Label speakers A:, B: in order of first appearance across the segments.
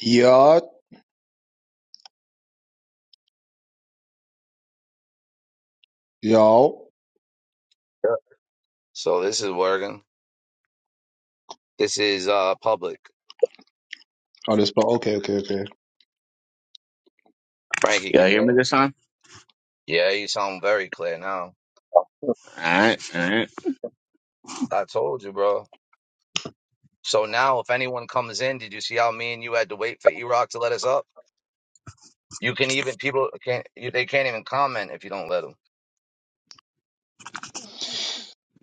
A: Yeah, y'all.
B: Yep. So this is working. This is uh public.
A: Oh, this, but okay, okay, okay.
B: Frankie,
C: Y'all
B: can you
C: hear me
B: hear?
C: this time?
B: Yeah, you sound very clear now.
C: Alright, alright.
B: I told you, bro. So now if anyone comes in, did you see how me and you had to wait for E Rock to let us up? You can even people can't you- they can't even comment if you don't let them.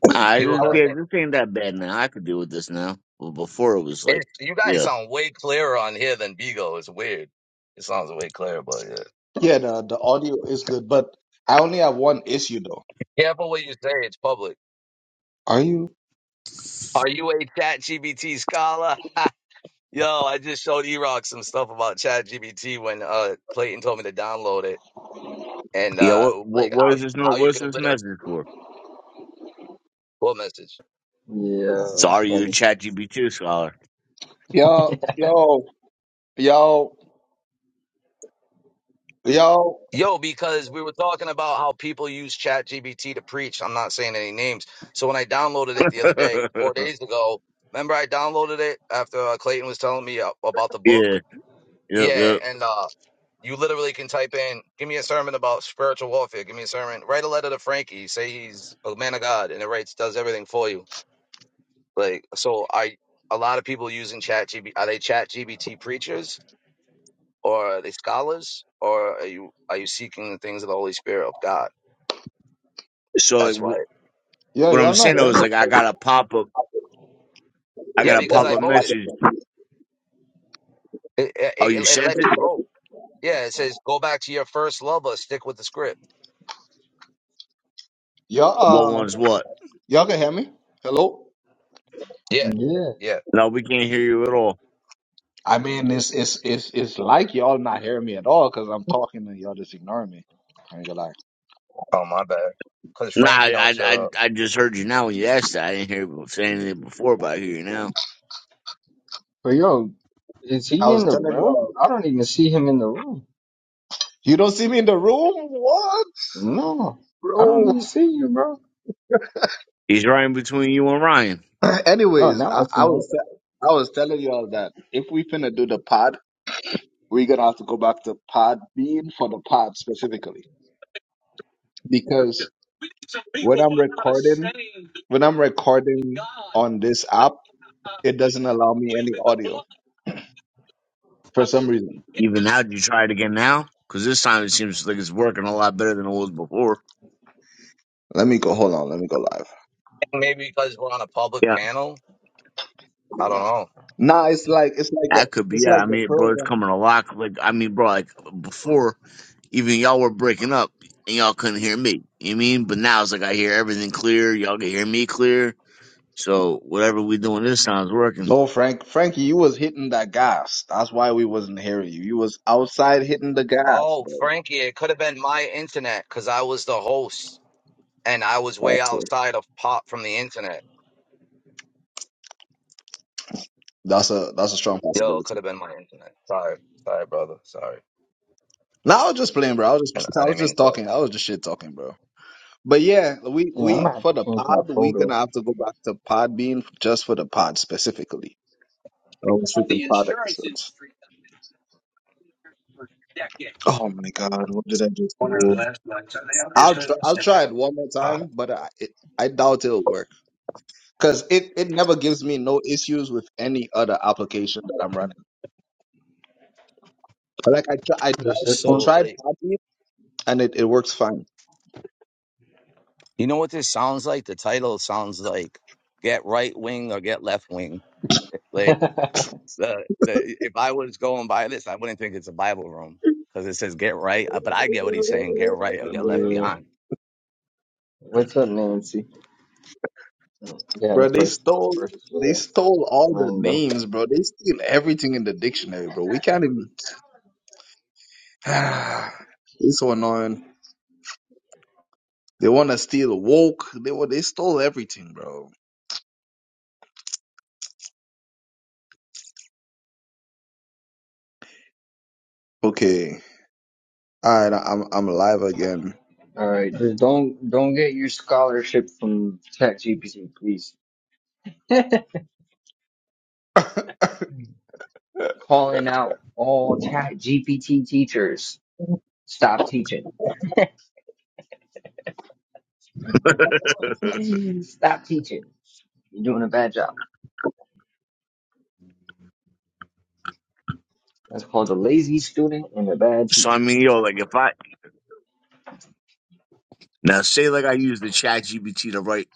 C: I
B: People are
A: I
C: just
B: gonna
A: was,
C: yeah,
B: think
C: this ain't that bad now. I could deal with this now. Well before it was like
B: it, you guys
C: yeah.
B: sound way clearer on here than Bigo. It's weird. It sounds way clearer, but yeah.
A: yeah, the, the audio is good, but I only have one issue though.
B: Careful what you say, it's public.
A: Are you?
B: Are you a chat GBT scholar? Yo, I just showed E-Rock some stuff about ChatGPT when uh Clayton told me to download it and
C: Yeah,
B: uh
C: what what
B: like how
C: what is
B: you-
C: this no
B: how you
C: what's
B: can
C: this
B: literally
C: message for?
B: what message?
D: Yeah, that's
C: Sorry you a
D: funny.
C: chat GB2 scholar.
A: Y'all, yo, y'all, y'all,
B: Yo, because we were talking about how people use ChatGPT to preach. I'm not saying any names. So when I downloaded it the other day, four days ago, remember I downloaded it after uh, Clayton was telling me uh, about the book.
C: yeah, yep,
B: Yeah,
C: yep.
B: and uh you literally can type in, give me a sermon about spiritual warfare, give me a sermon, write a letter to Frankie, say he's a man of God, and it writes does everything for you Like, so are a lot of people using ChatGPT. Are they ChatGPT preachers, or are they scholars, or are you are you seeking the things of the Holy Spirit of God?
C: So like,
B: That's
C: w-
B: why.
A: yo,
C: what I'm
A: y'all not
C: saying though
A: hearing me?
C: is like I got a pop up I
B: Yeah,
C: got a
B: because
C: pop
B: I
C: up
B: voted.
C: message.
B: It, it,
C: Oh
B: it,
C: you
B: it
C: sent
B: lets
C: it?
B: you vote. Yeah, it says go back to your first love or stick with the script.
C: What
A: Y'all,
C: one's
A: uh,
C: what?
A: y'all can hear me? Hello?
B: Yeah,
D: Yeah.
B: yeah.
C: No, we can't hear you at all.
A: I mean, it's, it's, it's, it's like y'all not hearing me at all because I'm talking and y'all just ignoring me. I ain't gonna lie.
B: Oh my bad. Because
C: Nah, I
B: Frankie don't
C: I
B: shut
C: I
B: up.
C: I just heard you now when you asked that. I didn't hear you saying it before, but I hear you now.
D: But yo, is
A: I
D: he in
A: was
D: the
A: telling
D: room?
A: y'all,
D: I don't even see him in the room.
A: you don't see me in the room? What?
D: No, I don't
A: Bro.
D: even see you, bro.
C: He's right in between you and Ryan.
D: Oh,
A: Anyways,
D: now
A: I,
D: I see
A: I
D: him.
A: was, I was telling y'all that if we finna do the pod, We're gonna have to go back to Podbean for the pod specifically because when I'm recording, when I'm recording on this app, it doesn't allow me any audio for some reason.
C: Even now, do you try it again now? Because this time it seems like it's working a lot better than it was before.
A: Let me go. Hold on. Let me go live.
B: Maybe because we're on a public
C: Yeah,
B: panel. I don't know.
A: Nah, it's like it's like the
C: that could be.
A: it's
C: Yeah,
A: like
C: I
A: the
C: mean, bro, it's
A: program.
C: coming a lot. Like, I mean, bro, like before, even y'all were breaking up and y'all couldn't hear me. You know what I mean? But now it's like I hear everything clear. Y'all can hear me clear. So whatever we doing this time is working.
A: No, Frank, Frankie, you was hitting that gas. That's why we wasn't hearing you. You was outside hitting the gas,
B: Oh,
A: bro.
B: Frankie, it could have been my internet because I was the host. and I was way
A: That's a
B: outside of pop from the internet.
A: that's a that's a strong
B: Yo, it could
A: possibility.
B: have been my internet. Sorry, sorry, brother. Sorry,
A: Nah, I was just playing, bro. I was
B: and
A: just
B: I
A: I was
B: didn't mean
A: just
B: to bother.
A: talking. I was just shit talking, bro. But yeah, we
D: Yeah, I'm
B: Uh,
A: we
D: gonna have
A: for
D: to
A: the
D: change my
A: pod, we're gonna
D: photo.
A: have to go back to Podbean just for the pod specifically. Our own freaking
B: The
A: pod
B: insurance
A: episodes.
B: industry has been here for decades.
A: Oh my God, what did I just
B: One of the
A: do?
B: last ones, so they
A: I'll
B: obviously
A: try.
B: lost
A: I'll
B: their
A: try
B: power.
A: it one more
B: all right.
A: time, but I it, I doubt it'll work because it it never gives me no issues with any other application that I'm running. But like I try, I
D: Just
A: tried
D: this
A: I
D: one?
B: So,
A: tried
B: like,
A: Podbean and it it works fine.
B: you know what this sounds like? The title sounds like "Get Right Wing" or "Get Left Wing." Like the the if I was going by this, I wouldn't think it's a Bible room because it says "Get Right," uh, but I get what he's saying: "Get Right" or "Get Left
D: Yeah.
B: Behind."
D: What's up, Nancy? Yeah, the
A: Bro, they
D: first,
A: stole
D: first,
A: they
D: uh,
A: stole all the
D: random.
A: names, bro. They steal everything in the dictionary, bro. We can't even it's so annoying. They wanna steal woke. They wa- they stole everything, bro. Okay. Alright, I'm I'm alive again.
D: All right, just don't, don't get your scholarship from ChatGPT, please. Calling out all ChatGPT teachers. Stop teaching. Mm, Stop teaching. You're doing a bad job. That's called a lazy student and a bad
C: so I
D: teacher.
C: mean, yo, like if I now say like I use the Chat GPT to write,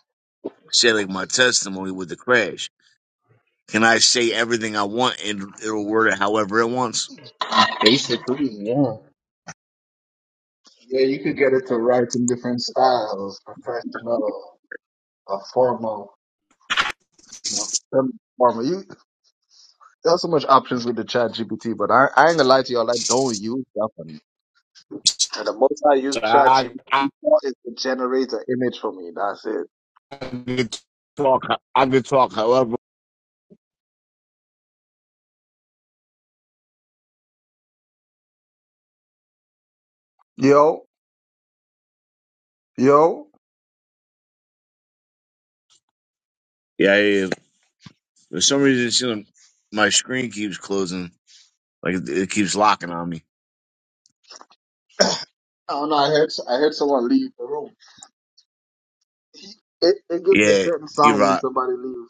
C: say like my testimony with the crash. Can I say everything I want and it'll word it however it wants?
D: Basically, yeah.
A: Yeah, you could get it to write in different styles, professional, or formal. You know, some formal. You there's so much options with the chat GPT, but I, I ain't gonna lie to y'all, I don't use that one. And the most I use
C: So
A: ChatGPT
C: I, I
A: for is to generate an image for me. That's it.
C: I could talk. I could talk. However,
A: Yo, yo.
C: yeah, yeah. yeah. For some reason, it's, you know, my screen keeps closing. Like it, it keeps locking on me.
A: I don't know. I heard I heard someone leave the room. It it gives a
C: Yeah,
A: certain
C: you
A: sound when
C: rock.
A: somebody leaves.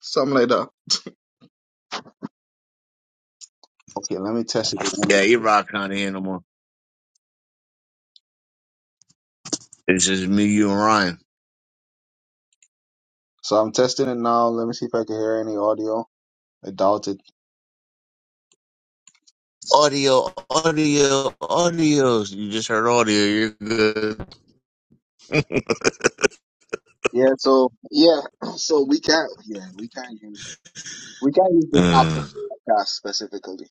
A: Something like that. Okay, let me test it.
C: Yeah, you
A: again.
C: rock Can't hear no more. It's just me, you, and Ryan.
A: So I'm testing it now. Let me see if I can hear any audio. I doubt it.
C: Audio, audio, audio. You just heard audio. You're good.
A: Yeah. So yeah. So we can't. Yeah. We can't use. We can't use this app for
C: Mm.
A: podcasts specifically.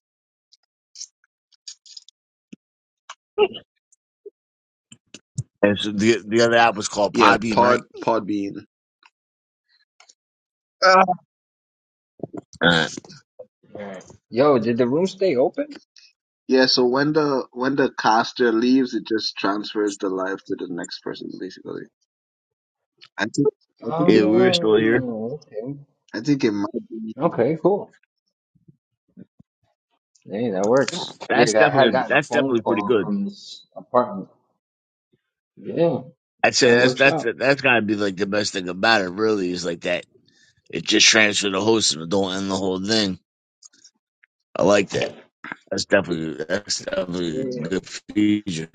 C: And so the the other app was called
A: Yeah,
C: Podbeam,
A: Pod
C: right?
A: Podbean.
C: Uh,
D: yeah. Yo, did the room stay open?
A: Yeah, so when the when the caster leaves, it just transfers the life to the next person, basically. I think I think
C: yeah, we
A: it,
C: were still here.
D: Oh, okay.
A: I think it might be.
D: Okay, cool. Hey, that works.
C: That's
D: Yeah, I had
C: definitely
D: gotten a
C: that's
D: phone
C: definitely pretty
D: call
C: good.
D: from this apartment. Yeah,
C: I'd say
D: that
C: that's
D: works
C: that's
D: out.
C: that's gotta be like the best thing about it. Really, is like that It just transfer the host but don't end the whole thing. I like that. That's definitely that's definitely a
D: Yeah,
C: good feature.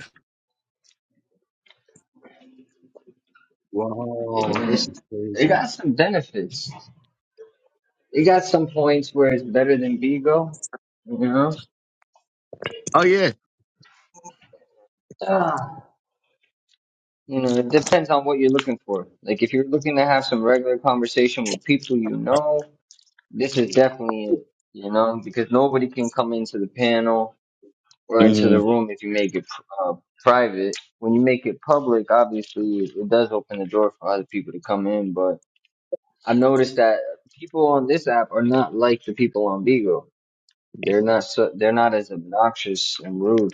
A: Wow,
D: yeah.
A: this is
D: It
A: crazy.
D: got some benefits. It got some points where it's better than Vigo. You
C: Oh yeah.
D: know? You know, it depends on what you're looking for. Like, if you're looking to have some regular conversation with people you know, this is definitely it. You know, because nobody can come into the panel or into
C: hmm
D: the room if you make it uh, private. When you make it public, obviously, it, it does open the door for other people to come in. But I noticed that people on this app are not like the people on Beagle. They're not so, they're not as obnoxious and rude.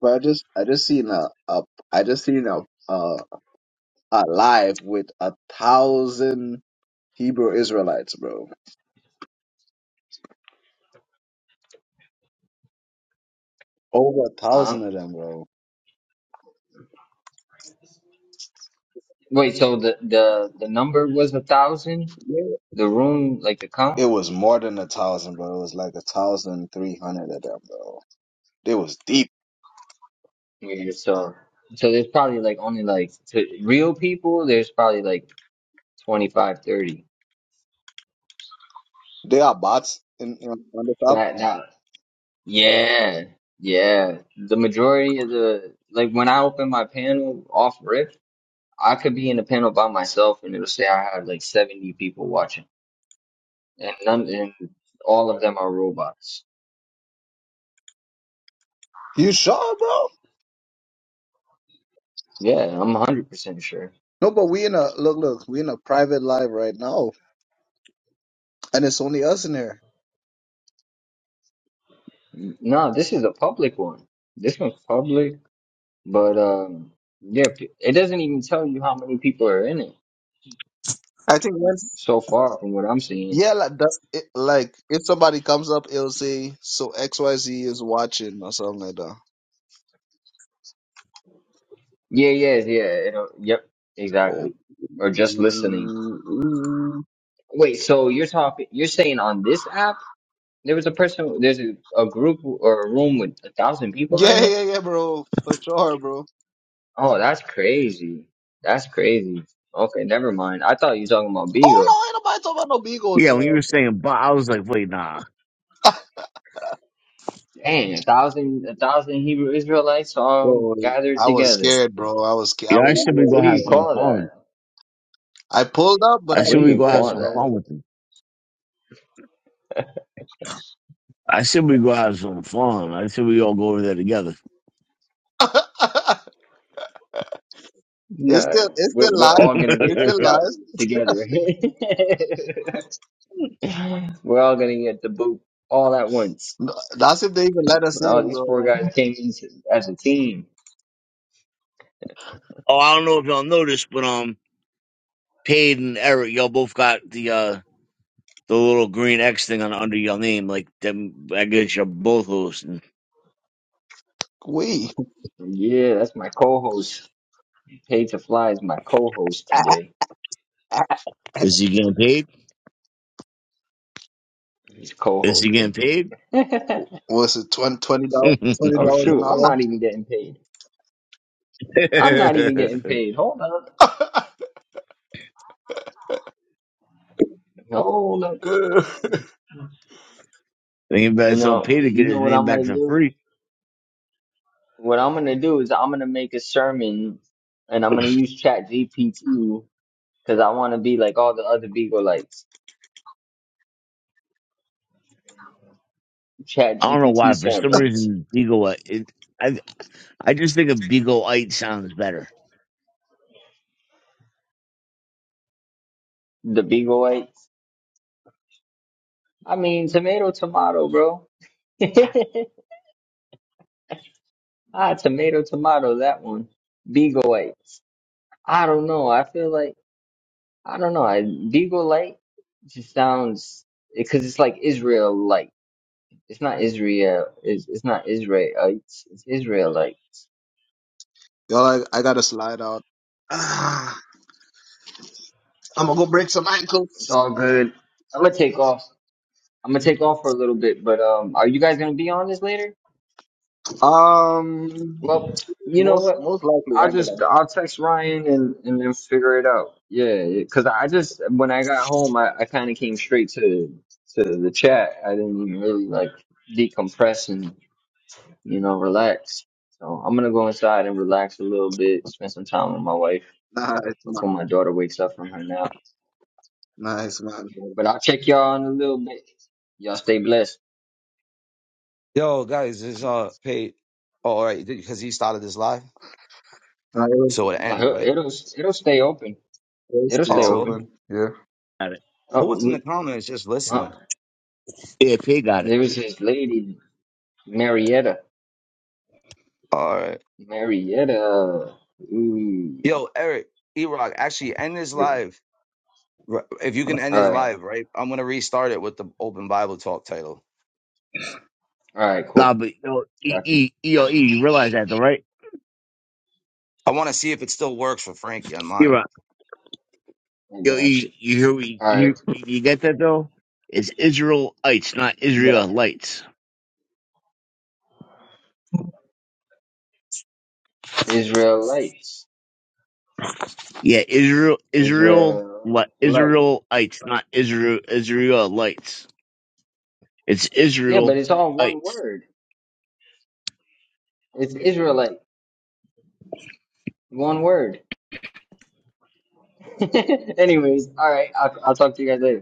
A: But I just I just seen a, a I just seen a a, a live with a thousand Hebrew Israelites, bro. Over a
D: Uh,
A: thousand of them, bro.
D: wait, so the the the number was a thousand?
A: Yeah.
D: The room, like the count?
A: It was more than a thousand, bro. It was like a thousand three hundred of them, bro. They was deep.
D: Yeah, so so there's probably like only like to real people, there's probably like twenty five, thirty.
A: They are bots in, in on the
D: 30.
A: top.
D: That now, yeah, yeah. The majority of the like when I open my panel off rip, I could be in a panel by myself and it'll say I have like 70 people watching, and none and all of them are robots.
A: You sure, bro?
D: Yeah, I'm 100% sure.
A: No, but we in a look, look, we in a private live right now, and it's only us in here.
D: No, this is a public one. This one's public, but um, yeah, it doesn't even tell you how many people are in it.
A: I think once,
D: So far from what I'm seeing.
A: yeah, like, the, it, like if somebody comes up, it'll say so X Y Z is watching or something like that.
D: Yeah, yeah, yeah. It'll, yep,
A: Oh,
D: exactly. Or just listening.
A: mm, mm.
D: Wait, so you're talking, you're saying on this app, there was a person, there's a, a group or a room with a thousand people in
A: yeah,
D: it?
A: yeah, yeah, bro, for sure, bro.
D: Oh, that's crazy. That's crazy. Okay, never mind. I thought you were talking about
A: Oh
D: Beagle.
A: no, ain't nobody talking about no Beagle,
C: Yeah, when you were
A: dog.
C: saying but I was like, wait, nah.
D: Dang, a thousand, a thousand Hebrew Israelites all
A: Bro,
D: gathered
A: I was
D: together.
A: scared, bro. I was, sca- I
C: Yeah, I
A: was
C: should we
D: What
C: go
A: scared,
D: do you
C: have
A: bro.
C: some
D: call
C: fun.
D: that?
A: I pulled up, but I
C: I
D: What
C: should
D: do
A: was
C: we
D: you
C: go have
A: afraid,
D: call
C: some
D: that?
A: bro.
C: fun with them. I should we go have some fun. I should we all go over there together.
A: it's still,
D: No,
A: it's
D: we're,
A: still
D: we're
A: live.
D: all gonna
A: It's
D: get
A: still
D: kicked out
A: live.
D: together. we're all gonna get the boot all at once.
A: No, That's if they even let us
D: All
A: in,
D: these four
A: bro.
D: guys came in to- as a team.
C: Oh, I don't know if y'all noticed, but um Paid and Eric, y'all both got the uh the little green X thing on under your name, like them I guess you're both hosting.
A: We
D: Yeah, that's my co-host. Paid to Fly is my co-host today.
C: Is he getting paid?
D: He's
C: Is he
D: co-hosting.
C: getting paid?
D: oh
A: was it twenty twenty dollars twenty dollars
D: shoot, I'm not
A: an
D: even getting paid. I'm not even getting paid. Hold up,
A: hour?
D: hold up.
C: Anybody
D: You
C: saw
D: know,
C: pay to get
D: you
C: his
D: know what
C: name
D: I'm
C: back
D: gonna
C: for
D: do.
C: free.
D: What I'm gonna do is I'm gonna make a sermon, and I'm gonna use Chat GPT Cause I want to be like all the other Beagleites, Chat
C: I don't know why.
D: GPT
C: For some
D: sermons,
C: reason, Beagle. uh, It, I I just think of Beagleite sounds better.
D: the Beaglites. I mean, tomato, tomato, bro. ah, tomato, tomato, that one. Beaglites. I don't know. I feel like I don't know. I Beaglite just sounds because it's like Israelite. It's not Israel. It's, it's not Israelites. It's Israelites.
A: Yo, I, I gotta slide out. Ah, I'm gonna go break some ankles.
D: It's all good. I'm gonna take off. I'm gonna take off for a little bit, but um, are you guys gonna be on this later?
A: Um,
D: Well, you know
A: most
D: what?
A: most likely
D: I'll just
A: ankle.
D: I'll text Ryan and and then figure it out. Yeah, because I just when I got home, I, I kind of came straight to to the chat. I didn't even really like decompress and you know relax. So I'm gonna go inside and relax a little bit, spend some time with my wife
A: Nah, it's not.
D: before my daughter wakes up from her nap.
A: Nah, it's not.
D: But I'll check y'all in a little bit. Y'all stay blessed.
B: Yo, guys, is uh paid. Oh, all right, because he started this live,
A: Nah, it was
B: so it ends
D: Uh,
B: right.
D: It'll it'll stay open.
A: it was
D: It'll stay
B: Oh
A: it's
B: well,
D: open.
A: open. Yeah.
C: Got it.
B: who
D: Oh,
B: was in the
D: we,
B: comments just
D: uh,
B: listening?
C: Yeah, P got it.
D: there was this lady, Marietta.
B: All right,
D: Marietta. Ooh.
B: yo, Eric, Erock, actually end this
D: All
B: live. R- If you can end this
D: right.
B: live, right? I'm gonna restart it with the open Bible talk title.
D: All right.
C: Nah,
D: Cool.
C: but yo, e,
D: Got you.
C: e, E, yo, e, you realize that though, right?
B: I want to see if it still works for Frankie on
C: You're
B: mine.
C: right.
D: I
C: Yo,
D: got you.
C: e, you hear me?
D: All
C: You
D: right.
C: you get that though? It's Israelites, not
D: Did I?
C: Israelites.
D: Israelites.
C: Yeah, Israel, Israel, what?
D: Israelite.
C: Israelites, not Israel, Israelites. It's
D: Yeah, but
C: Israelites.
D: it's all one word. It's Israelite. One word. Anyways. All right. I'll, I'll talk to you guys later.